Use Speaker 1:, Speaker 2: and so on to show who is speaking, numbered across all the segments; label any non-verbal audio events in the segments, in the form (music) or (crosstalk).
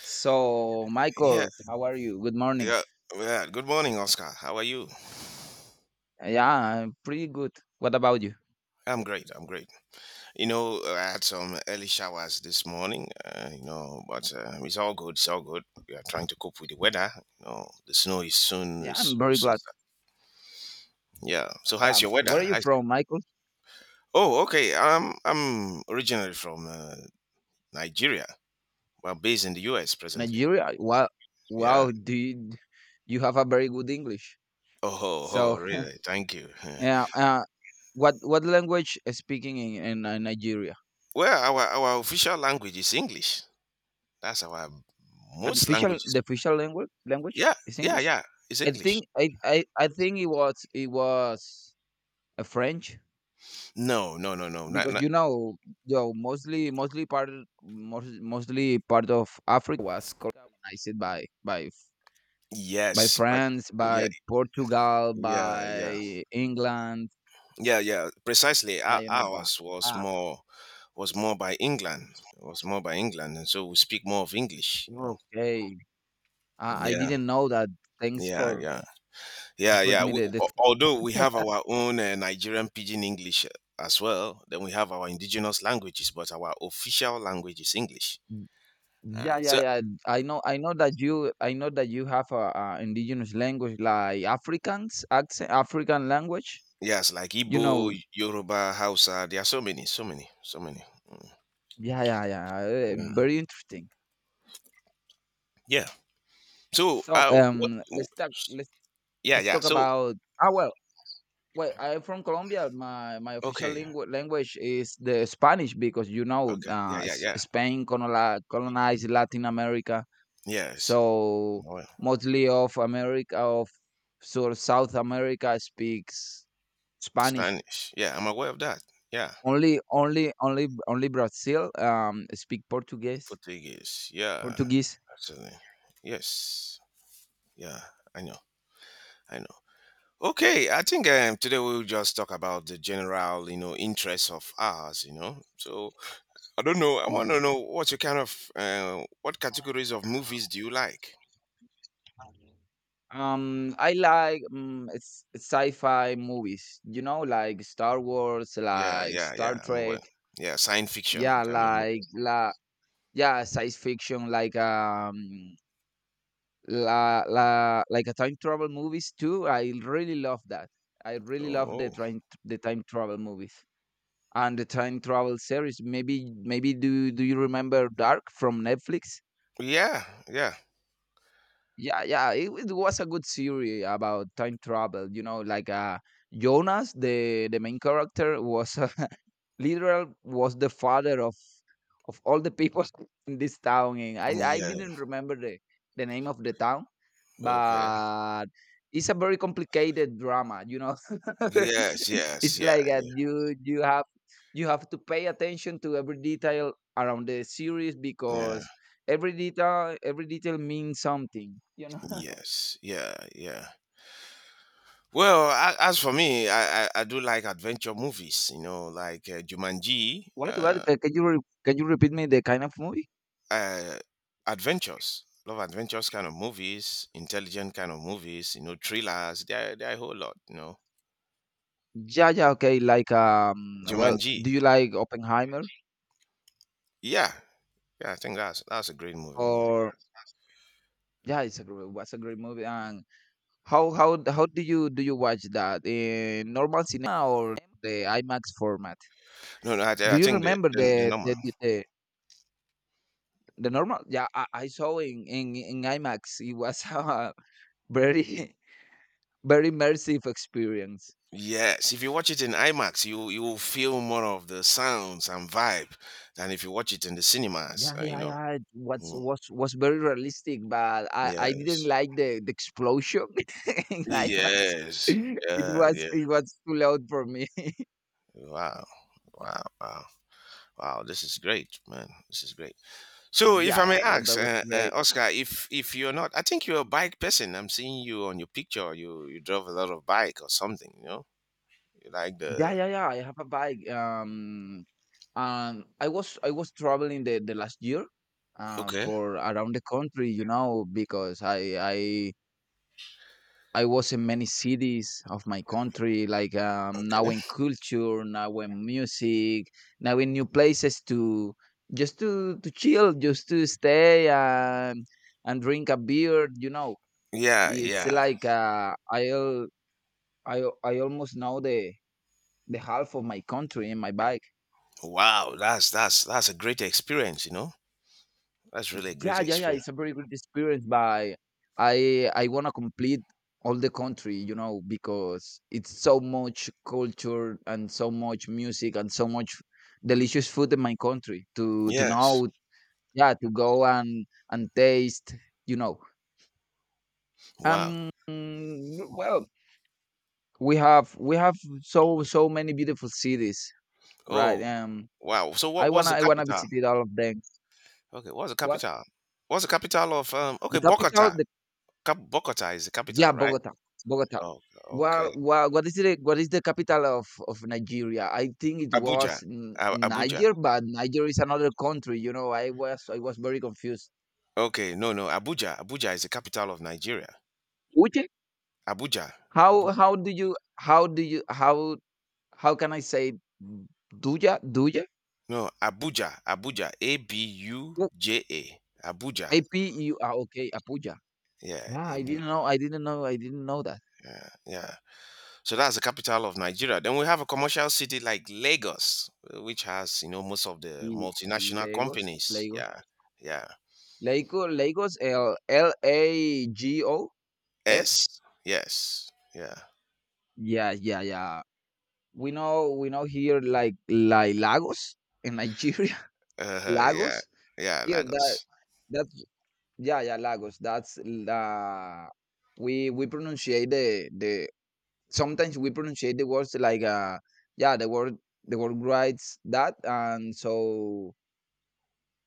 Speaker 1: So,
Speaker 2: Yeah,
Speaker 1: Michael, how are you? Good morning.
Speaker 2: yeah, yeah. Good morning, Oscar. How are you?
Speaker 1: Yeah, I'm pretty good. What about you?
Speaker 2: I'm great. I'm great. You know, I had some early showers this morning. You know, but it's all good. It's all good. We are trying to cope with the weather. You know, the snow is soon.
Speaker 1: Yeah,
Speaker 2: Is,
Speaker 1: I'm
Speaker 2: will
Speaker 1: very
Speaker 2: soon
Speaker 1: glad.
Speaker 2: start. Yeah. So, how's
Speaker 1: Yeah,
Speaker 2: your weather?
Speaker 1: where are you
Speaker 2: How's the-
Speaker 1: from, Michael?
Speaker 2: Oh, okay. I'm originally from Nigeria. Well, based in the U.S. presently.
Speaker 1: Nigeria. Wow,
Speaker 2: Yeah.
Speaker 1: wow. You have a very good English?
Speaker 2: Oh, (laughs) oh,
Speaker 1: So,
Speaker 2: really? Thank you.
Speaker 1: (laughs)
Speaker 2: (laughs)
Speaker 1: yeah. What language is speaking in Nigeria?
Speaker 2: Well, our official language is English. That's our
Speaker 1: Yeah, The
Speaker 2: most
Speaker 1: official the
Speaker 2: languages.
Speaker 1: official language language
Speaker 2: Yeah,
Speaker 1: is
Speaker 2: yeah,
Speaker 1: English.
Speaker 2: yeah. It's
Speaker 1: I
Speaker 2: English.
Speaker 1: think I I I think it was a French.
Speaker 2: No, no, no, no. Not,
Speaker 1: Because
Speaker 2: not.
Speaker 1: you know, yo, mostly mostly part most, mostly part of Africa was colonized by
Speaker 2: Yes, but
Speaker 1: France,
Speaker 2: yeah,
Speaker 1: by Portugal,
Speaker 2: yeah, yeah,
Speaker 1: by England.
Speaker 2: yeah, yeah. Precisely.
Speaker 1: Yeah,
Speaker 2: Our,
Speaker 1: you know, but
Speaker 2: ours was
Speaker 1: ah,
Speaker 2: more by England. Was more by England, and so we speak more of English.
Speaker 1: okay, I
Speaker 2: Yeah,
Speaker 1: didn't know that. Thanks
Speaker 2: yeah, yeah, yeah,
Speaker 1: for
Speaker 2: yeah.
Speaker 1: me
Speaker 2: We,
Speaker 1: the
Speaker 2: al- although we have our own Nigerian pidgin English as well, then we have our indigenous languages, but our official language is English. Uh,
Speaker 1: yeah yeah
Speaker 2: so
Speaker 1: yeah. I know that you have a indigenous language like Africans accent African language.
Speaker 2: yes, like
Speaker 1: You
Speaker 2: Igbo,
Speaker 1: know,
Speaker 2: Yoruba, Hausa. There are so many, so many, so many. Mm.
Speaker 1: yeah yeah yeah.
Speaker 2: Yeah.
Speaker 1: Very interesting.
Speaker 2: Yeah. So,
Speaker 1: So,
Speaker 2: what,
Speaker 1: let's talk.
Speaker 2: yeah,
Speaker 1: Let's
Speaker 2: yeah.
Speaker 1: talk
Speaker 2: So,
Speaker 1: about. Ah, well, well, I'm from Colombia. My official
Speaker 2: okay,
Speaker 1: lingu- language is the Spanish because you know,
Speaker 2: okay. Yeah,
Speaker 1: uh,
Speaker 2: yeah,
Speaker 1: S-
Speaker 2: yeah.
Speaker 1: Spain colonized Latin America,
Speaker 2: Yes.
Speaker 1: so
Speaker 2: Well,
Speaker 1: mostly of America of sort of South America speaks Spanish.
Speaker 2: Spanish. Yeah, I'm aware of that. Yeah.
Speaker 1: Only Brazil speak Portuguese.
Speaker 2: Portuguese. Yeah.
Speaker 1: Portuguese.
Speaker 2: Absolutely. Yes. Yeah, I know. I know. Okay, I think today we'll just talk about the general, interests of ours. So, I don't know. I want to know what you kind of, what categories of movies do you like?
Speaker 1: I like it's sci-fi movies, you know, like Star Wars,
Speaker 2: Yeah,
Speaker 1: like
Speaker 2: yeah,
Speaker 1: Star
Speaker 2: yeah. I'm aware.
Speaker 1: Trek.
Speaker 2: Yeah, science fiction
Speaker 1: Yeah,
Speaker 2: kind of movie.
Speaker 1: like la, yeah, science fiction, like like a time travel movies too. I really love that. I really love
Speaker 2: Oh.
Speaker 1: the
Speaker 2: Oh.
Speaker 1: time travel movies and the time travel series. Maybe maybe do do you remember Dark from Netflix?
Speaker 2: Yeah, yeah,
Speaker 1: Yeah, yeah, it was a good series about time travel. You know, Jonas, the main character, was (laughs) literal was the father of all the people (laughs) in this town, and I
Speaker 2: yeah.
Speaker 1: didn't remember the name of the town,
Speaker 2: Okay.
Speaker 1: but it's a very complicated drama. You know, (laughs)
Speaker 2: Yes, yes,
Speaker 1: it's
Speaker 2: yeah,
Speaker 1: like you you have to pay attention to every detail around the series
Speaker 2: yeah,
Speaker 1: because every detail means something.
Speaker 2: yes, yeah, yeah. Well, as for me, I do like adventure movies. You know, like Jumanji,
Speaker 1: Wanted to add, ca- can you re- can you repeat me the kind of movie?
Speaker 2: uh, adventures. Love adventures kind of movies, intelligent kind of movies. You know, thrillers. They're a whole lot.
Speaker 1: Well,
Speaker 2: Jumanji.
Speaker 1: do you like Oppenheimer
Speaker 2: Yeah, yeah. I think that's a great movie. You know?
Speaker 1: or yeah, it's a great, was a great movie. And how do you watch that in normal cinema or the IMAX format?
Speaker 2: No, no. I,
Speaker 1: Do
Speaker 2: I
Speaker 1: you
Speaker 2: think the
Speaker 1: remember
Speaker 2: the, the
Speaker 1: the
Speaker 2: number.
Speaker 1: the the, the, the normal? Yeah, I saw in IMAX. It was (laughs) a very very immersive experience.
Speaker 2: Yes, if you watch it in IMAX, you will feel more of the sounds and vibe than if you watch it in the cinemas.
Speaker 1: Yeah,
Speaker 2: uh, you
Speaker 1: yeah,
Speaker 2: know.
Speaker 1: yeah. It
Speaker 2: Mm,
Speaker 1: was very realistic, but I didn't
Speaker 2: yes.
Speaker 1: like the explosion (laughs) in IMAX. (laughs)
Speaker 2: Yes.
Speaker 1: It
Speaker 2: Yeah.
Speaker 1: was
Speaker 2: Yeah.
Speaker 1: it was too loud for me. (laughs)
Speaker 2: Wow. Wow. Wow. Wow. This is great, man. This is great. So, if
Speaker 1: Yeah,
Speaker 2: I may
Speaker 1: yeah,
Speaker 2: ask,
Speaker 1: that was great.
Speaker 2: Oscar, if you're not, I think you're a bike person. I'm seeing you on your picture. You drove a lot of bike or something. You know, you like
Speaker 1: Yeah,
Speaker 2: the.
Speaker 1: yeah, yeah. I have a bike. I was traveling the last year,
Speaker 2: Okay.
Speaker 1: for around the country, you know, because I was in many cities of my country, like now in
Speaker 2: Okay.
Speaker 1: culture, now in music, now in new places to just to chill, just to stay and drink a beer. You know,
Speaker 2: Yeah.
Speaker 1: it's
Speaker 2: Yeah.
Speaker 1: like I al- I al- I almost know the half of my country in my bike.
Speaker 2: Wow. That's a great experience. You know. That's really a great
Speaker 1: Yeah, yeah, yeah.
Speaker 2: experience.
Speaker 1: It's a very good experience, but I wanna complete all the country, you know, because it's so much culture and so much music and so much delicious food in my country to
Speaker 2: Yes.
Speaker 1: know, yeah, to go and taste, you know.
Speaker 2: Wow.
Speaker 1: Well, we have so many beautiful cities, right?
Speaker 2: Oh, wow. So what was the
Speaker 1: I wanna
Speaker 2: capital?
Speaker 1: visit all of them.
Speaker 2: Okay, what's the
Speaker 1: What?
Speaker 2: capital? What's the capital of? Okay,
Speaker 1: The capital,
Speaker 2: Bogota. Bogota is the capital,
Speaker 1: yeah,
Speaker 2: right?
Speaker 1: Bogota.
Speaker 2: Oh, okay.
Speaker 1: Well, well, what is it? What is the capital of Nigeria? I think it
Speaker 2: Abuja.
Speaker 1: was N-
Speaker 2: Abuja.
Speaker 1: Niger, but Niger is another country. You know, I was very confused.
Speaker 2: Okay, no, no. Abuja. Abuja is the capital of Nigeria.
Speaker 1: Which
Speaker 2: Abuja. Abuja.
Speaker 1: how do you how do you how can I say Duya?
Speaker 2: No, Abuja. Abuja. A B U
Speaker 1: Yeah.
Speaker 2: J A. Abuja.
Speaker 1: Apu ah, okay Apuya.
Speaker 2: Yeah.
Speaker 1: Yeah, I didn't know. I didn't know. I didn't know that.
Speaker 2: Yeah. Yeah. So that's the capital of Nigeria. Then we have a commercial city like Lagos, which has most of the
Speaker 1: L-
Speaker 2: multinational
Speaker 1: Lagos,
Speaker 2: companies.
Speaker 1: Lagos,
Speaker 2: Yeah, yeah.
Speaker 1: Lagos. L L A G O S.
Speaker 2: Yes, yes, yeah,
Speaker 1: Yeah, yeah, yeah. We know here like Lagos in Nigeria. (laughs)
Speaker 2: yeah,
Speaker 1: Lagos
Speaker 2: yeah.
Speaker 1: here that
Speaker 2: Lagos.
Speaker 1: that's yeah yeah Lagos. That's la We we pronunciate the sometimes we pronunciate the words like yeah the word the word writes that and so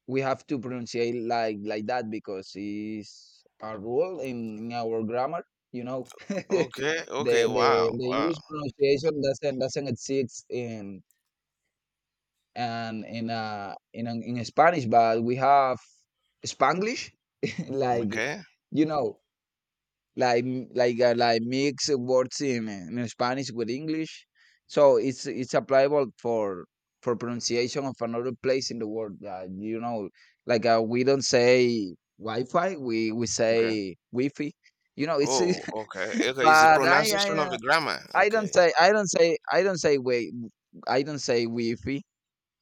Speaker 1: we have to pronunciate like that because it's a rule in our grammar. You know, (laughs)
Speaker 2: Okay, okay.
Speaker 1: the
Speaker 2: Wow,
Speaker 1: the
Speaker 2: wow.
Speaker 1: English pronunciation doesn't exist in and in Spanish, but we have Spanglish, (laughs) like
Speaker 2: Okay,
Speaker 1: you know, like like mix words in Spanish with English, so it's applicable for pronunciation of another place in the world. You know, like we don't say Wi-Fi, we
Speaker 2: okay.
Speaker 1: say Wi-Fi. You know, it's
Speaker 2: Oh, okay,
Speaker 1: (laughs)
Speaker 2: okay. It's the
Speaker 1: but
Speaker 2: pronunciation of the grammar.
Speaker 1: I don't
Speaker 2: Okay,
Speaker 1: say I don't say I don't say wait I don't say Wi-Fi.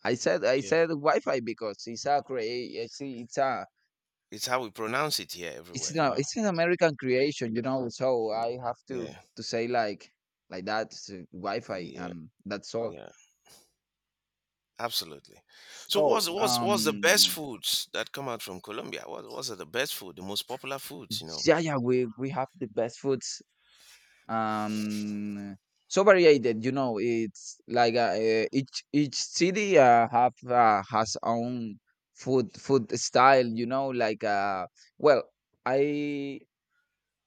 Speaker 1: I
Speaker 2: okay.
Speaker 1: said Wi-Fi because it's a
Speaker 2: It's how we pronounce it here everywhere. You know.
Speaker 1: it's an American creation, you know. So I have to
Speaker 2: Yeah,
Speaker 1: say like that, so Wi-Fi
Speaker 2: yeah,
Speaker 1: and that's all.
Speaker 2: yeah. Absolutely. So
Speaker 1: So
Speaker 2: what's the best
Speaker 1: um
Speaker 2: foods that come out from Colombia? What's the best food, the most popular foods, you know?
Speaker 1: yeah, we have the best foods, um variated, you know. It's like each city have has own food style, you know, well I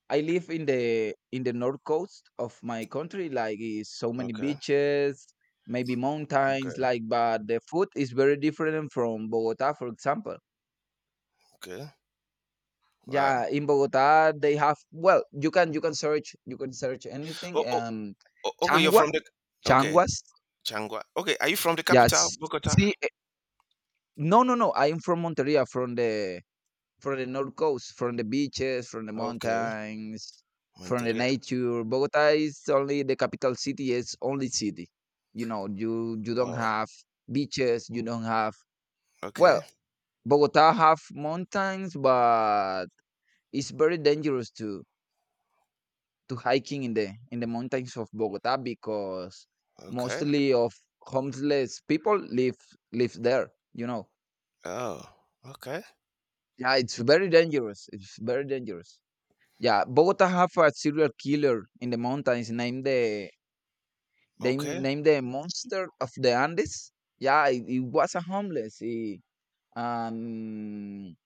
Speaker 1: I live in the north coast of my country, like is so many
Speaker 2: Okay.
Speaker 1: beaches, maybe mountains,
Speaker 2: Okay.
Speaker 1: like but the food is very different from Bogota, for example.
Speaker 2: Okay.
Speaker 1: Yeah,
Speaker 2: Wow.
Speaker 1: in Bogota they have well, you can search
Speaker 2: Oh,
Speaker 1: anything.
Speaker 2: oh, oh, okay, you're
Speaker 1: Changua,
Speaker 2: from the. Okay,
Speaker 1: Changuas.
Speaker 2: Changwa. Okay, are you from the capital,
Speaker 1: Yes.
Speaker 2: Bogota?
Speaker 1: See, no. I am from Monteria, from the north coast, from the beaches, from the
Speaker 2: Okay,
Speaker 1: mountains, from the
Speaker 2: Monteria.
Speaker 1: nature. Bogota is only the capital city. It's only city. You know, you don't
Speaker 2: Oh,
Speaker 1: have beaches. You don't have
Speaker 2: okay.
Speaker 1: well, Bogota have mountains, but it's very dangerous to hiking in the mountains of Bogota because
Speaker 2: Okay.
Speaker 1: mostly of homeless people live there. You know,
Speaker 2: Oh, okay.
Speaker 1: yeah, it's very dangerous. It's very dangerous. Yeah, Bogota have a serial killer in the mountains named they
Speaker 2: Okay.
Speaker 1: named the monster of the Andes. Yeah, it was a homeless. Um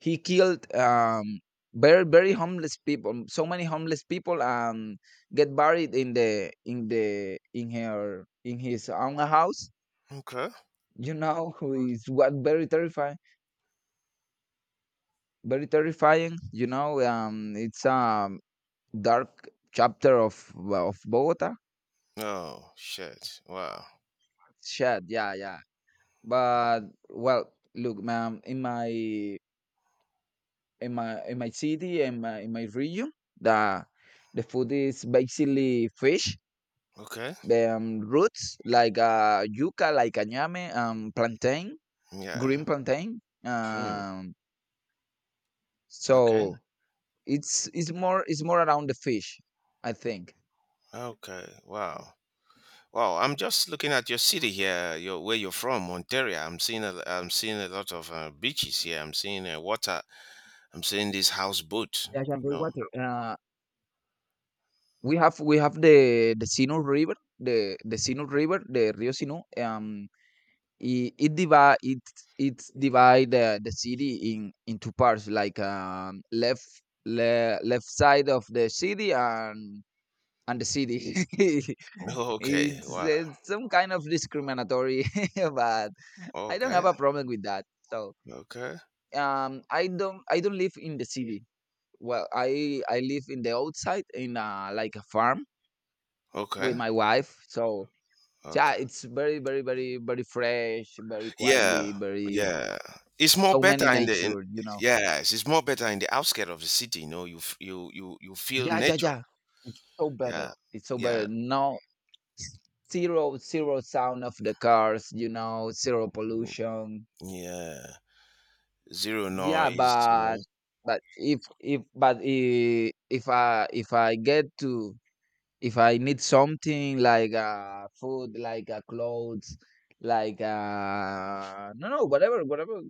Speaker 1: he killed very very homeless people, so many homeless people, and get buried in the in the in her in his own house.
Speaker 2: Okay.
Speaker 1: You know, (laughs) it's what very terrifying, very terrifying. You know, it's a dark chapter of Bogota.
Speaker 2: Oh, shit. Wow.
Speaker 1: Shad, yeah, yeah. But well, look, man, in my in my city and my in my region, the food is basically fish,
Speaker 2: Okay.
Speaker 1: the roots like yuca, like añame, plantain,
Speaker 2: Yeah.
Speaker 1: green plantain.
Speaker 2: Mm, okay.
Speaker 1: So it's more around the fish, I think.
Speaker 2: Okay. Wow. Wow, I'm just looking at your city here, your where you're from, Ontario. I'm seeing a lot of beaches here. I'm seeing water. I'm seeing this houseboat.
Speaker 1: Yeah, yeah,
Speaker 2: You
Speaker 1: very
Speaker 2: know.
Speaker 1: water. We have the Sinu River, the Sinu River, the Rio Sinu. It it divide it it divide the city in into parts like left left side of the city and the city (laughs)
Speaker 2: (laughs) Okay. Wow.
Speaker 1: it's some kind of discriminatory (laughs) but I don't
Speaker 2: Okay.
Speaker 1: have a problem with that, so
Speaker 2: Okay.
Speaker 1: I don't live in the city. Well, I live in the outside in like a farm with
Speaker 2: Okay.
Speaker 1: my wife. So yeah,
Speaker 2: Okay.
Speaker 1: it's very fresh, very
Speaker 2: Yeah.
Speaker 1: quietly, very
Speaker 2: Yeah. It's more
Speaker 1: so many
Speaker 2: better in the
Speaker 1: nature, you know.
Speaker 2: yes. It's more better in the outskirts of the city. You know, you f- you feel
Speaker 1: Yeah, yeah,
Speaker 2: nature.
Speaker 1: yeah. It's so better.
Speaker 2: Yeah.
Speaker 1: It's so
Speaker 2: Yeah.
Speaker 1: better. No s- zero sound of the cars, you know, zero
Speaker 2: Mm,
Speaker 1: pollution.
Speaker 2: yeah. Zero
Speaker 1: Yeah,
Speaker 2: noise. You
Speaker 1: but
Speaker 2: know.
Speaker 1: if I get to, if I need something like food, like clothes, like no no whatever,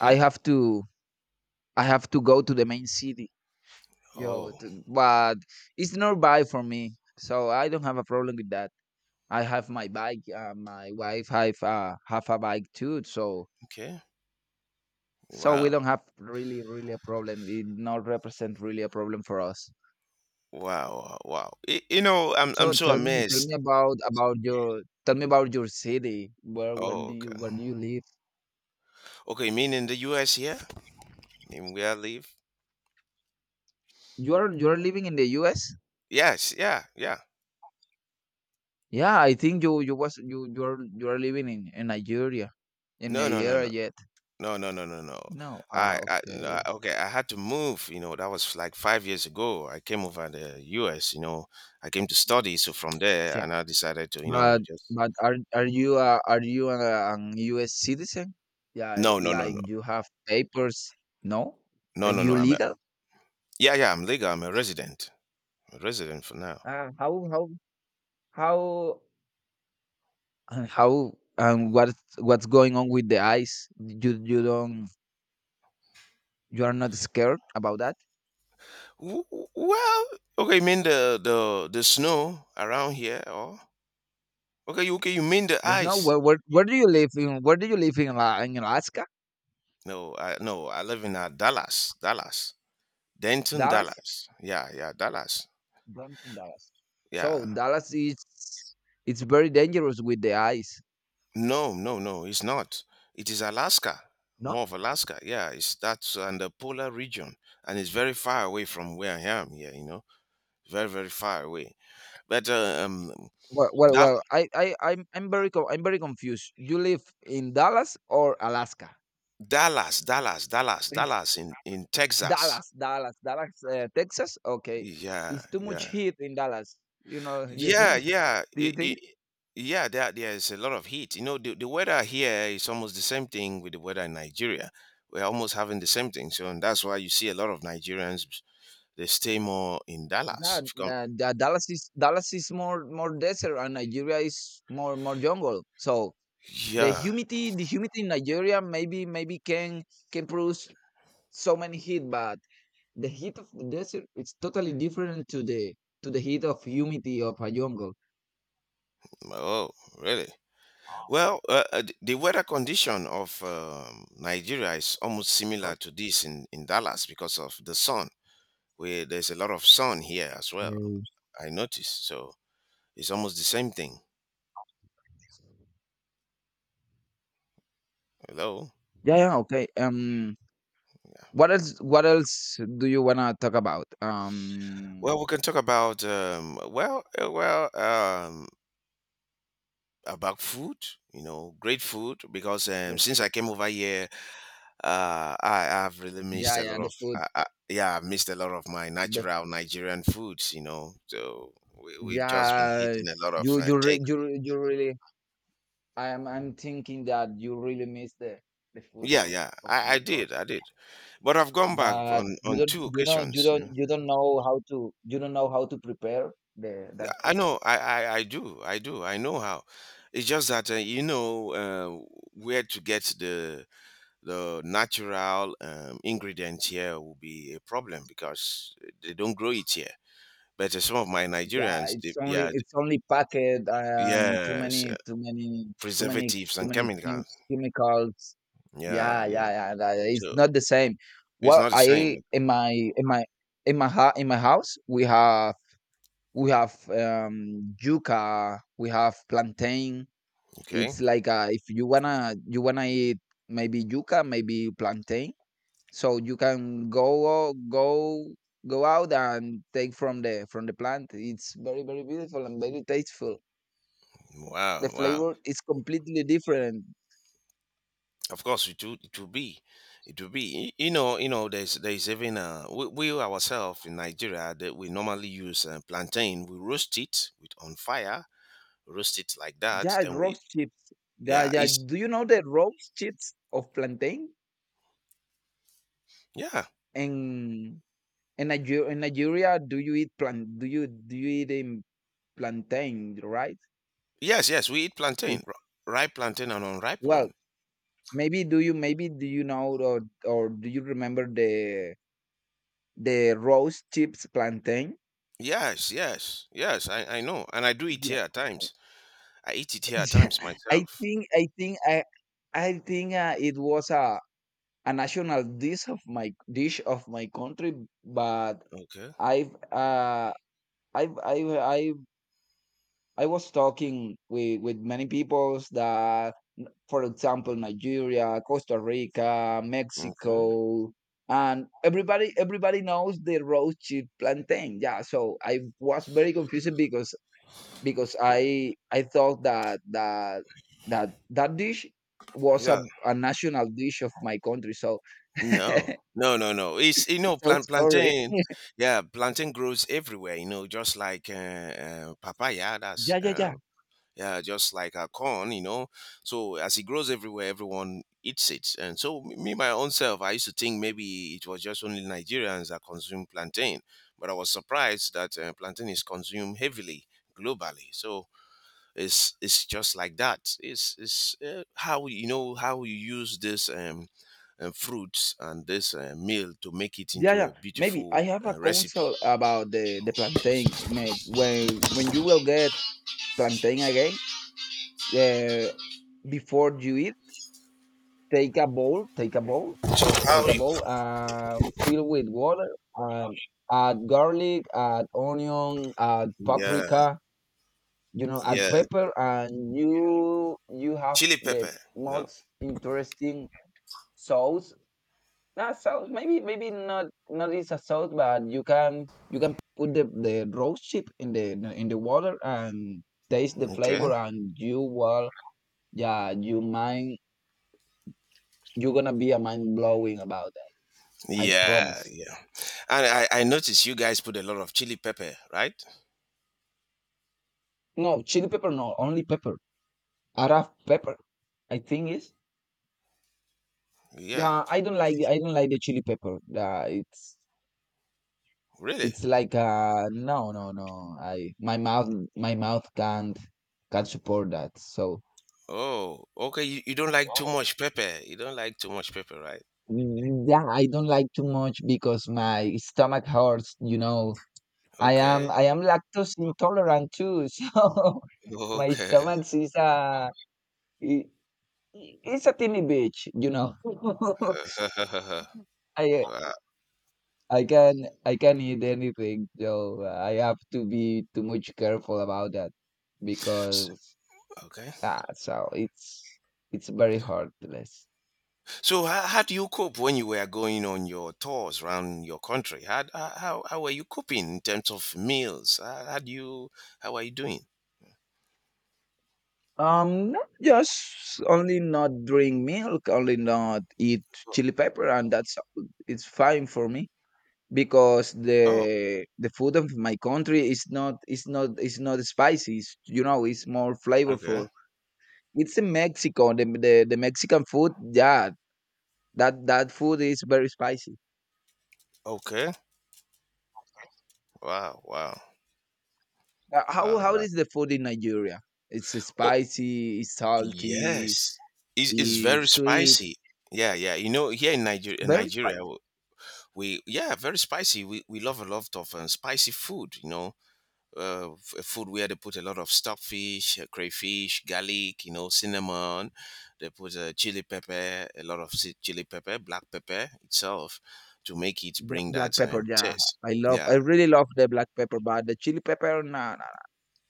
Speaker 1: I have to go to the main city. Yo,
Speaker 2: Oh.
Speaker 1: t- but it's nearby for me, so I don't have a problem with that. I have my bike. My wife have a bike too, so
Speaker 2: Okay.
Speaker 1: so we
Speaker 2: Wow.
Speaker 1: don't have really a problem. It not represent really a problem for us.
Speaker 2: Wow, wow, wow. You know, I'm
Speaker 1: So
Speaker 2: so
Speaker 1: tell
Speaker 2: amazed.
Speaker 1: me about your, tell me about your city.
Speaker 2: Oh, okay.
Speaker 1: Where do you live?
Speaker 2: Okay, you mean in the US here? You mean where I live?
Speaker 1: You are living in the U.S.
Speaker 2: Yes, yeah, yeah.
Speaker 1: Yeah, I think you are living in
Speaker 2: No, no, no,
Speaker 1: Nigeria
Speaker 2: no.
Speaker 1: yet?
Speaker 2: No, no, no, no, no.
Speaker 1: No. Ah,
Speaker 2: I no,
Speaker 1: okay.
Speaker 2: okay, I had to move, that was like 5 years ago. I came over the US. I came to study, so from there and I decided to,
Speaker 1: But
Speaker 2: just.
Speaker 1: but are you an U.S. citizen? Yeah,
Speaker 2: No, no, no,
Speaker 1: like
Speaker 2: no.
Speaker 1: you have papers. No,
Speaker 2: No,
Speaker 1: are
Speaker 2: no, no.
Speaker 1: you legal?
Speaker 2: Yeah, yeah, I'm legal. I'm a resident. I'm a resident for now.
Speaker 1: Uh, how how how how and what's going on with the eyes? You are not scared about that?
Speaker 2: Well, okay, you mean the snow around here or. Okay, okay, you mean the
Speaker 1: There's no
Speaker 2: ice?
Speaker 1: where do you live in? Where do you live in? Ala- In Alaska,
Speaker 2: No, I live in Dallas, Dallas, Denton,
Speaker 1: Dallas,
Speaker 2: Dallas. Yeah, yeah, Dallas.
Speaker 1: Don't in Dallas.
Speaker 2: Yeah.
Speaker 1: So Dallas is it's very dangerous with the eyes.
Speaker 2: No, no, no, it's not. It is Alaska,
Speaker 1: No,
Speaker 2: more of Alaska. Yeah, it's that's in the polar region, and it's very far away from where I am here. You know, very, very far away. But Dal-
Speaker 1: Well. I'm very, co- I'm very confused. You live in Dallas or Alaska?
Speaker 2: Dallas, Dallas, Dallas,
Speaker 1: It's-
Speaker 2: Dallas in Texas.
Speaker 1: Dallas, Texas. Okay,
Speaker 2: Yeah,
Speaker 1: it's too much
Speaker 2: yeah.
Speaker 1: heat in Dallas. You know, (laughs) do you
Speaker 2: Yeah,
Speaker 1: think?
Speaker 2: yeah,
Speaker 1: Do you think?
Speaker 2: yeah. There's a lot of heat. You know, the weather here is almost the same thing with the weather in Nigeria. We're almost having the same thing. So, and that's why you see a lot of Nigerians they stay more in
Speaker 1: Yeah,
Speaker 2: Dallas. If you come,
Speaker 1: Dallas is Dallas is more desert, and Nigeria is more jungle. So
Speaker 2: yeah.
Speaker 1: the humidity in Nigeria maybe can produce so many heat, but the heat of the desert is totally different to the heat of humidity of a jungle.
Speaker 2: Oh, really? Well, the weather condition of Nigeria is almost
Speaker 1: Okay.
Speaker 2: similar to this in Dallas because of the sun. Where there's a lot of sun here as well. I noticed. So it's almost the same thing. Hello.
Speaker 1: Yeah, yeah, okay. What else? What else do you wanna talk about?
Speaker 2: Well, we can talk about about food. You know, great food because since
Speaker 1: W-
Speaker 2: I came over here, I have really missed
Speaker 1: yeah,
Speaker 2: a lot
Speaker 1: yeah, the
Speaker 2: of
Speaker 1: food.
Speaker 2: yeah, I've missed a lot of my
Speaker 1: The
Speaker 2: natural Nigerian foods. You know, so we've just been
Speaker 1: yeah,
Speaker 2: hitting a lot of take.
Speaker 1: you really. I'm thinking that you really miss the food
Speaker 2: Yeah, yeah,
Speaker 1: of
Speaker 2: I
Speaker 1: your country,
Speaker 2: did, I did, but I've gone back
Speaker 1: but
Speaker 2: on
Speaker 1: you don't
Speaker 2: two
Speaker 1: you know
Speaker 2: occasions.
Speaker 1: you don't know how to you don't know how to prepare the that
Speaker 2: I
Speaker 1: food.
Speaker 2: know, I do, I do, I know how. It's just that where to get the natural ingredients here will be a problem because they don't grow it here. But some of my
Speaker 1: Yeah,
Speaker 2: Nigerians, yeah,
Speaker 1: it's only packet and too
Speaker 2: yes,
Speaker 1: many too many too many
Speaker 2: preservatives
Speaker 1: too
Speaker 2: and
Speaker 1: many chem-
Speaker 2: chemicals.
Speaker 1: chemicals.
Speaker 2: Yeah,
Speaker 1: Yeah, yeah,
Speaker 2: yeah.
Speaker 1: It's
Speaker 2: So
Speaker 1: not the same.
Speaker 2: it's
Speaker 1: Well,
Speaker 2: not the
Speaker 1: I
Speaker 2: same.
Speaker 1: in my in my in my ha- in my house we have yuca, we have plantain.
Speaker 2: Okay.
Speaker 1: It's like if you wanna eat maybe yuca, maybe plantain. So you can go out and take from the plant. It's very beautiful and very tasteful.
Speaker 2: Wow,
Speaker 1: The
Speaker 2: wow.
Speaker 1: flavor is completely different.
Speaker 2: Of course, it will, be, it will be. There's even we ourselves in Nigeria that we normally use plantain. We roast it with on fire, roast it like that.
Speaker 1: Yeah,
Speaker 2: Then we,
Speaker 1: roast chips. Yeah,
Speaker 2: yeah,
Speaker 1: yeah.
Speaker 2: it's,
Speaker 1: Do you know the roast chips of plantain?
Speaker 2: yeah.
Speaker 1: And in Nigeria, do you eat plant? Do you eat in plantain? Right?
Speaker 2: Yes, yes, we eat plantain,
Speaker 1: It's
Speaker 2: ripe plantain and unripe
Speaker 1: well,
Speaker 2: one.
Speaker 1: maybe do you know or do you remember the roast chips plantain?
Speaker 2: Yes, yes, yes, I know. And I do it
Speaker 1: Yeah,
Speaker 2: here at times. I eat it
Speaker 1: (laughs)
Speaker 2: here at
Speaker 1: yeah.
Speaker 2: times
Speaker 1: I
Speaker 2: myself.
Speaker 1: think I think I I think it was a national dish of my country, but
Speaker 2: Okay,
Speaker 1: I've I I I I was talking with many peoples that, for example, Nigeria, Costa Rica,
Speaker 2: okay.
Speaker 1: Mexico, and everybody knows the roast chip plantain. Yeah, so I was very confused because I thought that that that dish was
Speaker 2: Yeah.
Speaker 1: a national dish of my country. So (laughs)
Speaker 2: No. No, no, no. It's
Speaker 1: so sorry.
Speaker 2: plantain. Yeah, plantain grows everywhere. Just like papaya. That's
Speaker 1: Yeah, yeah, yeah.
Speaker 2: yeah, just like a corn, So as it grows everywhere, everyone eats it. And so me, my own self, I used to think maybe it was just only Nigerians that consume plantain, but I was surprised that plantain is consumed heavily globally. So it's just like that. It's how how you use this. Fruits and this meal to make it
Speaker 1: Yeah,
Speaker 2: into a
Speaker 1: yeah. Maybe I
Speaker 2: beautiful
Speaker 1: have a
Speaker 2: recipe.
Speaker 1: counsel about the plantain. When you will get plantain again, uh, before you eat, take a bowl,
Speaker 2: So how?
Speaker 1: fill with water, um, add garlic, add onion, add
Speaker 2: Yeah,
Speaker 1: paprika, you know, add
Speaker 2: yeah.
Speaker 1: pepper, and you have
Speaker 2: Chili
Speaker 1: the
Speaker 2: pepper. No.
Speaker 1: most interesting sauce. Not sauce. Maybe not not is a sauce, but you can put the roast chip in the water and taste the
Speaker 2: Okay.
Speaker 1: flavor, and you will yeah you mind you're gonna be a mind blowing about that. I
Speaker 2: Yeah,
Speaker 1: promise.
Speaker 2: yeah. And I noticed you guys put a lot of chili pepper, right?
Speaker 1: No chili pepper, no only pepper. Araf pepper. I think is
Speaker 2: Yeah,
Speaker 1: yeah. I don't like the chili pepper.
Speaker 2: really?
Speaker 1: It's like no no no. I my mouth can't support that. So.
Speaker 2: Oh, okay. You don't like too much pepper. You don't like too much pepper, right?
Speaker 1: Yeah, I don't like too much because my stomach hurts, you know.
Speaker 2: Okay,
Speaker 1: I am lactose intolerant too, (laughs) so my
Speaker 2: okay.
Speaker 1: stomach is a i- it's a tiny bitch, you know. (laughs)
Speaker 2: (laughs)
Speaker 1: I
Speaker 2: Wow.
Speaker 1: I can I can eat anything, so I have to be too much careful about that
Speaker 2: S-
Speaker 1: because
Speaker 2: Okay.
Speaker 1: ah, so it's very hurtless.
Speaker 2: So how do you cope when you were going on your tours around your country? How were you coping in terms of meals? How are you doing?
Speaker 1: Not just only not drink milk, only not eat chili pepper, and that's all. It's fine for me because
Speaker 2: Oh,
Speaker 1: the food of my country is not is not spicy. It's, you know, it's more
Speaker 2: okay.
Speaker 1: flavorful. It's in Mexico, the Mexican food. Yeah, that that food is very spicy.
Speaker 2: Okay. Wow, wow.
Speaker 1: How
Speaker 2: Wow.
Speaker 1: is the food in Nigeria? It's spicy, it's salty,
Speaker 2: Yes, it's very
Speaker 1: it's sweet,
Speaker 2: spicy. Yeah, yeah. You know, here
Speaker 1: it's
Speaker 2: In
Speaker 1: very
Speaker 2: Nigeria,
Speaker 1: spicy.
Speaker 2: we, yeah, very spicy. We love a lot of spicy food. You know, food where they put a lot of stockfish, crayfish, garlic. You know, cinnamon. They put chili pepper, a lot of chili pepper, black pepper itself, to make it bring
Speaker 1: Black
Speaker 2: that
Speaker 1: pepper, yeah.
Speaker 2: taste.
Speaker 1: I love I
Speaker 2: Yeah.
Speaker 1: really love the black pepper, but the chili pepper, nah, nah,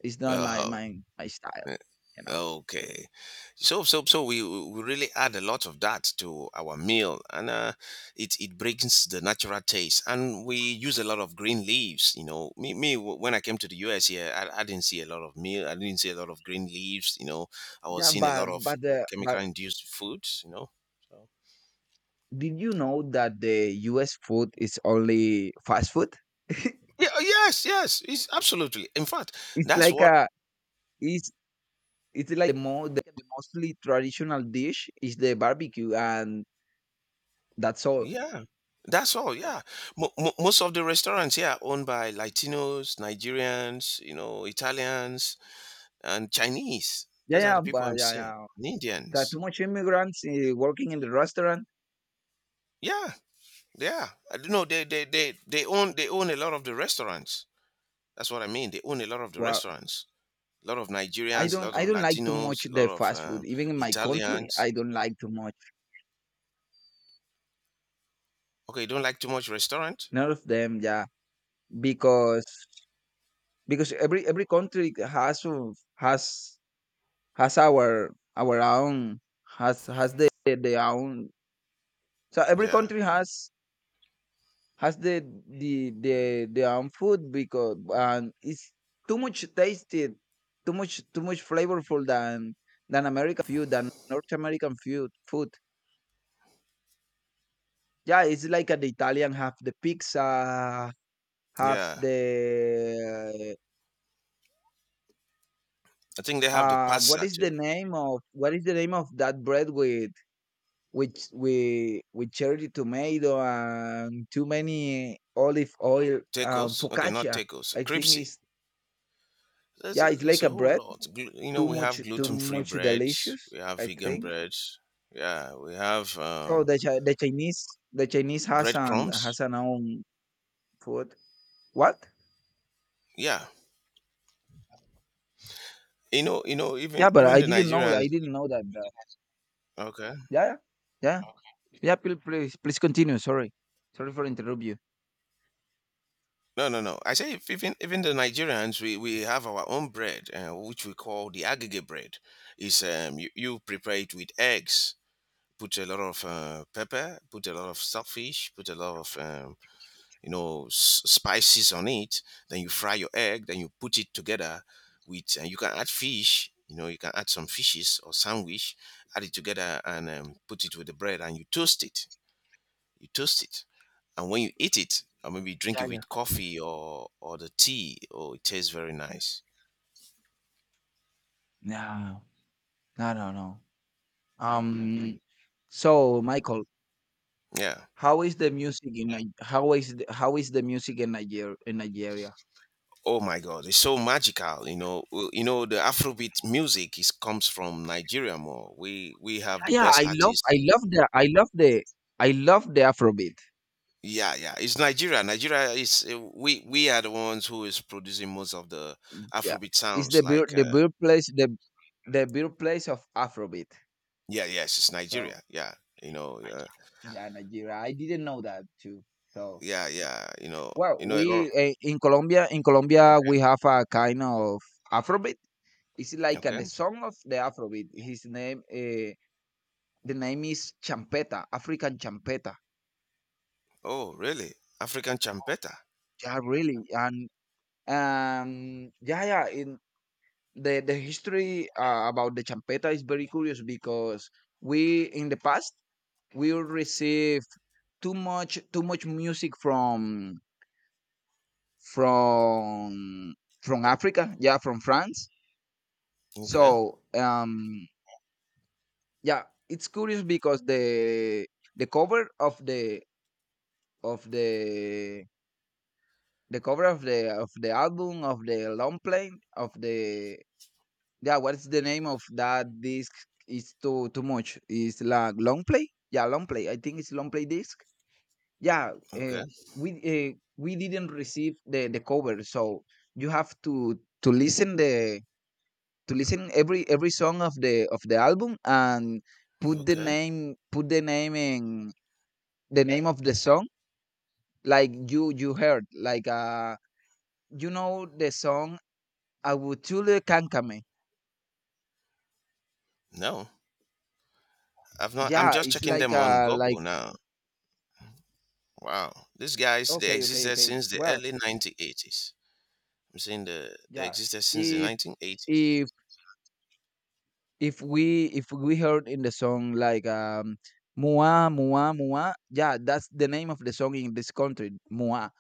Speaker 1: it's not my
Speaker 2: Uh-huh.
Speaker 1: my style, you know.
Speaker 2: Okay. So we really add a lot of that to our meal and it brings the natural taste and we use a lot of green leaves. When I came to the US here, I didn't see a lot of meal, I didn't see a lot of green leaves. I was
Speaker 1: Yeah,
Speaker 2: seeing a lot of chemical
Speaker 1: but
Speaker 2: induced foods, you know. So
Speaker 1: did you know that the US food is only fast food? (laughs)
Speaker 2: yeah, yes, yes, it's absolutely. In fact,
Speaker 1: it's
Speaker 2: that's
Speaker 1: like
Speaker 2: what.
Speaker 1: a it's it's like the mostly traditional dish is the barbecue and that's all.
Speaker 2: Yeah, that's all. Yeah, Mo mo most of the restaurants, yeah, owned by Latinos, Nigerians, you know, Italians, and Chinese.
Speaker 1: Yeah,
Speaker 2: Those are
Speaker 1: yeah,
Speaker 2: the people
Speaker 1: but
Speaker 2: I'm
Speaker 1: yeah,
Speaker 2: seeing.
Speaker 1: yeah.
Speaker 2: And
Speaker 1: There are
Speaker 2: Indians.
Speaker 1: too much immigrants working in the restaurant.
Speaker 2: Yeah, yeah. I don't know. They own a lot of the restaurants. That's what I mean. They own a lot of the
Speaker 1: Well,
Speaker 2: restaurants. A lot of Nigerians, a lot
Speaker 1: I
Speaker 2: of
Speaker 1: don't like too much
Speaker 2: Latinos, a lot
Speaker 1: the
Speaker 2: of
Speaker 1: fast food. Even in my country,
Speaker 2: Italians.
Speaker 1: I don't like too much.
Speaker 2: Okay, you don't like too much restaurant?
Speaker 1: None of them, yeah, because because every country has our own has the own so every
Speaker 2: Yeah,
Speaker 1: country has has the the the the own food because and it's too much tasted too much flavorful than American food than North American food. Yeah it's like the Italian have the pizza have
Speaker 2: yeah.
Speaker 1: the.
Speaker 2: I think they have the
Speaker 1: What
Speaker 2: pasta
Speaker 1: is
Speaker 2: too.
Speaker 1: the name of that bread with which with cherry tomato and too many olive oil
Speaker 2: Tacos? Okay, not
Speaker 1: focaccia?
Speaker 2: tacos.
Speaker 1: I think
Speaker 2: Crepes.
Speaker 1: it's
Speaker 2: There's
Speaker 1: yeah,
Speaker 2: a,
Speaker 1: it's
Speaker 2: there's
Speaker 1: like
Speaker 2: a
Speaker 1: a
Speaker 2: whole
Speaker 1: bread.
Speaker 2: lot. Glu- You know, we have
Speaker 1: Too
Speaker 2: gluten-free
Speaker 1: much
Speaker 2: breads,
Speaker 1: delicious.
Speaker 2: we have
Speaker 1: I
Speaker 2: vegan
Speaker 1: think
Speaker 2: breads, yeah, we have
Speaker 1: so. The Chinese
Speaker 2: breadcrumbs.
Speaker 1: has an own food. What?
Speaker 2: Yeah, you know, even
Speaker 1: Yeah, but
Speaker 2: even the Nigerians.
Speaker 1: I didn't know that.
Speaker 2: Okay,
Speaker 1: Yeah, yeah, yeah. Please, please, please continue. Sorry, sorry for interrupt you.
Speaker 2: no, no, no. I say if even the Nigerians, we have our own bread, which we call the agege bread. Is you, you prepare it with eggs, put a lot of pepper, put a lot of saltfish, put a lot of you know spices on it, then you fry your egg, then you put it together with, and you can add fish, you know, you can add some fishes or sandwich, add it together and put it with the bread, and you toast it, you toast it, and when you eat it or maybe drink it
Speaker 1: Yeah, yeah.
Speaker 2: with coffee or the tea, oh, it tastes very nice,
Speaker 1: No, no, no, no. Um, so Michael,
Speaker 2: yeah.
Speaker 1: how is the music in how is the music in Nigeria?
Speaker 2: Oh my god, it's so magical, you know. Well, you know, the afrobeat music is comes from nigeria more, we have the
Speaker 1: Yeah, yeah,
Speaker 2: best artists.
Speaker 1: I love the Afrobeat.
Speaker 2: Yeah, yeah. It's Nigeria. Nigeria is we are the ones who is producing most of the
Speaker 1: Yeah,
Speaker 2: Afrobeat
Speaker 1: it's
Speaker 2: sounds.
Speaker 1: the bir-
Speaker 2: Like
Speaker 1: the birthplace of Afrobeat.
Speaker 2: yeah, yes, it's
Speaker 1: So
Speaker 2: Nigeria. Yeah, you know.
Speaker 1: yeah. Nigeria. I didn't know that too. So
Speaker 2: Yeah, yeah. You know.
Speaker 1: well,
Speaker 2: You know a lot. Of,
Speaker 1: we in Colombia we have a kind of Afrobeat. It's like
Speaker 2: okay.
Speaker 1: the
Speaker 2: Okay.
Speaker 1: song of the Afrobeat. His name. The name is champeta, African champeta.
Speaker 2: Oh, really? African champeta.
Speaker 1: Yeah, really. And yeah, yeah. In the history about the champeta is very curious because we in the past we received too much music from from from Africa. Yeah, from France.
Speaker 2: Okay.
Speaker 1: So yeah, it's curious because the cover of the of the the cover of the album of the long play of the yeah. What is the name of that disc? It's too too much. It's like long play. Yeah, long play. I think it's long play disc. Yeah,
Speaker 2: Okay.
Speaker 1: we didn't receive the cover, so you have to listen the to listen every song of the album and
Speaker 2: Okay.
Speaker 1: put the name in the name of the song like you heard like the song Avutule Kankame.
Speaker 2: No, I've not. I'm
Speaker 1: Yeah,
Speaker 2: just
Speaker 1: it's
Speaker 2: checking
Speaker 1: like
Speaker 2: them on Google now. Wow, these guys they
Speaker 1: okay, okay,
Speaker 2: existed
Speaker 1: okay.
Speaker 2: since the
Speaker 1: Well,
Speaker 2: early 1980s. I'm saying the they
Speaker 1: yeah.
Speaker 2: existed since the
Speaker 1: If
Speaker 2: 1980s.
Speaker 1: if if we heard in the song like Mua Mua Mua, yeah, that's the name of the song in this country, Mua.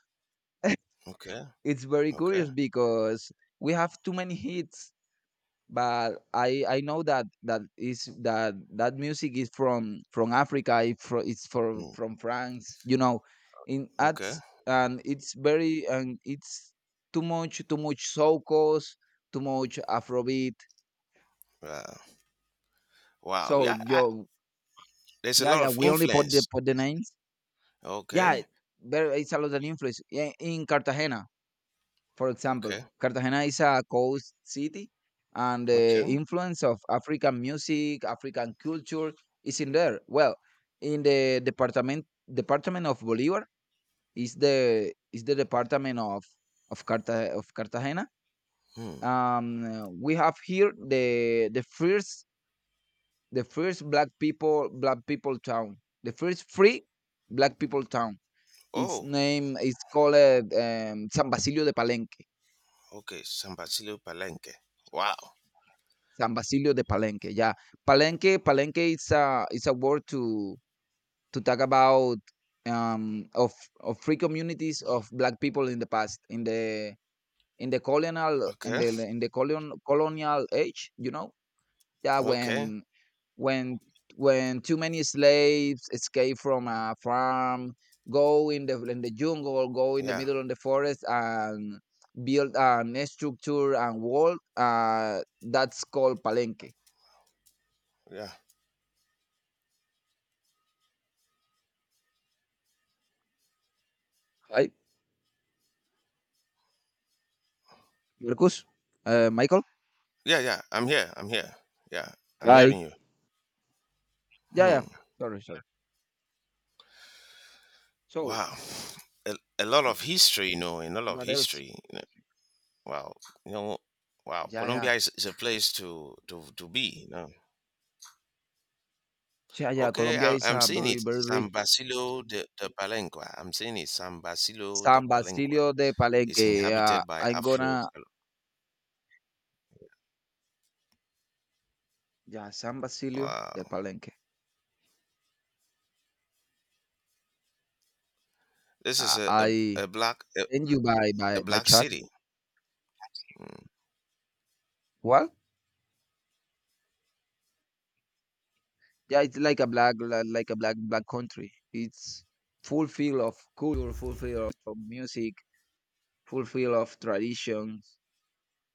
Speaker 2: Okay.
Speaker 1: It's very
Speaker 2: Okay.
Speaker 1: curious because we have too many hits but I know that that is that that music is from Africa. It's for
Speaker 2: Mm.
Speaker 1: from France. You know, in at
Speaker 2: Okay.
Speaker 1: and it's very and it's too much soukos, too much Afrobeat.
Speaker 2: Wow. Wow.
Speaker 1: So
Speaker 2: Yeah. I,
Speaker 1: yo
Speaker 2: there's a
Speaker 1: yeah
Speaker 2: lot
Speaker 1: yeah
Speaker 2: of
Speaker 1: we only put the
Speaker 2: influence.
Speaker 1: names. Yeah,
Speaker 2: Okay.
Speaker 1: there is a lot of influence yeah, in Cartagena. For example,
Speaker 2: Okay.
Speaker 1: Cartagena is a coast city, and the
Speaker 2: Okay.
Speaker 1: influence of African music, African culture is in there. Well, in the department of Bolívar is the department of of Cartagena.
Speaker 2: Hmm.
Speaker 1: We have here the the first black people town, the first free black people town. Its
Speaker 2: Oh.
Speaker 1: name is called San Basilio de Palenque.
Speaker 2: Okay. San Basilio Palenque. Wow.
Speaker 1: San Basilio de Palenque, yeah. Palenque is a word to talk about um of of free communities of black people in the past in the colonial in
Speaker 2: Okay.
Speaker 1: colonial age, you know? Yeah,
Speaker 2: Okay.
Speaker 1: when when when too many slaves escape from a farm, go in the jungle, go in the
Speaker 2: Yeah.
Speaker 1: middle of the forest and build an structure and wall, that's called Palenque,
Speaker 2: Yeah.
Speaker 1: right? Marcus? Michael?
Speaker 2: Yeah. Yeah. I'm here. I'm here. Yeah. I'm
Speaker 1: Hi.
Speaker 2: hearing you.
Speaker 1: Yeah,
Speaker 2: Hmm.
Speaker 1: yeah. Sorry, sorry. So,
Speaker 2: Wow. A lot of history, you know, a lot of
Speaker 1: what else?
Speaker 2: history, you know. Wow. You know, wow.
Speaker 1: Yeah, yeah.
Speaker 2: Colombia is a place to be. You know.
Speaker 1: Yeah, yeah.
Speaker 2: Okay,
Speaker 1: Colombia
Speaker 2: I'm
Speaker 1: is
Speaker 2: I'm
Speaker 1: a
Speaker 2: seeing
Speaker 1: very,
Speaker 2: it.
Speaker 1: very
Speaker 2: San
Speaker 1: rich.
Speaker 2: Basilio de, de Palenque. I'm seeing it. San Basilio de
Speaker 1: San
Speaker 2: Palenque
Speaker 1: Basilio de
Speaker 2: is
Speaker 1: Palenque.
Speaker 2: inhabited by Afro.
Speaker 1: Yeah, San Basilio de
Speaker 2: Wow,
Speaker 1: Palenque.
Speaker 2: this is
Speaker 1: I send you
Speaker 2: a
Speaker 1: by
Speaker 2: black
Speaker 1: chat.
Speaker 2: city.
Speaker 1: What? Yeah, it's like a black, like a black, black country. It's full feel of culture, full feel of music, full feel of tradition.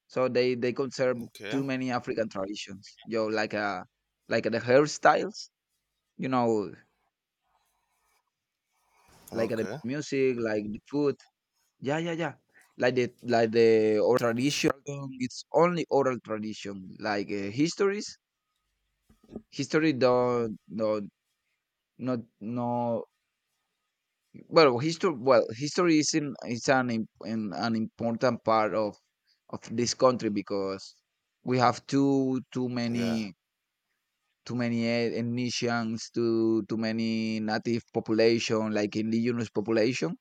Speaker 1: So they conserve
Speaker 2: Okay,
Speaker 1: too many African traditions. Yo, like the hairstyles, you know, like the
Speaker 2: okay,
Speaker 1: music, like the food. Yeah, yeah, yeah. Like the oral tradition. It's only oral tradition. Like histories, history don't no not no. Well, history. Well, history is in is an an important part of this country because we have too
Speaker 2: yeah,
Speaker 1: many Indonesians, too many native population, like indigenous population.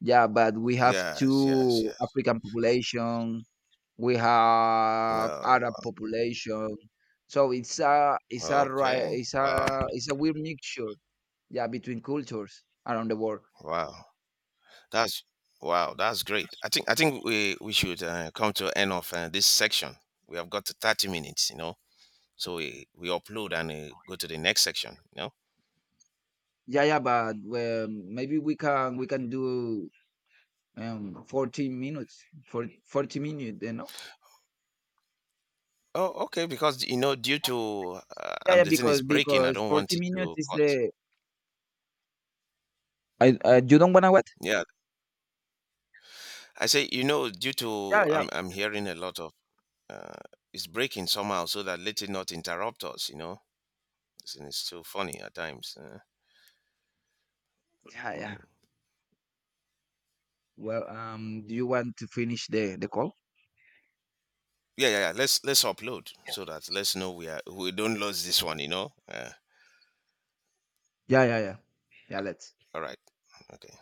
Speaker 1: Yeah, but we have
Speaker 2: yes, yes,
Speaker 1: two
Speaker 2: yes.
Speaker 1: African population. We have
Speaker 2: No,
Speaker 1: Arab population. So it's a
Speaker 2: wow. Okay,
Speaker 1: it's a
Speaker 2: wow,
Speaker 1: it's a weird mixture. Yeah, between cultures around the world.
Speaker 2: wow. That's wow. That's great. I think we should come to end of this section. We have got to 30 minutes, you know. So we upload and go to the next section, you know.
Speaker 1: Yeah, yeah, but maybe we can do 14 minutes for 40 minutes, you know.
Speaker 2: Oh, okay. Because you know, due to
Speaker 1: Yeah, yeah,
Speaker 2: the thing is breaking, I
Speaker 1: because
Speaker 2: don't want
Speaker 1: 40
Speaker 2: it
Speaker 1: minutes
Speaker 2: to
Speaker 1: is
Speaker 2: cut.
Speaker 1: the I you don't wanna wait.
Speaker 2: Yeah. I say, you know, due
Speaker 1: Yeah,
Speaker 2: to
Speaker 1: yeah,
Speaker 2: I'm hearing a lot of uh, it's breaking somehow, so that let it not interrupt us. You know, it's so funny at times.
Speaker 1: yeah, yeah.
Speaker 2: Mm.
Speaker 1: Well, do you want to finish the call?
Speaker 2: Yeah, yeah, yeah. Let's upload so that let's know we are, we don't lose this one. You know.
Speaker 1: Yeah, yeah, yeah. Yeah, let's.
Speaker 2: All right. Okay.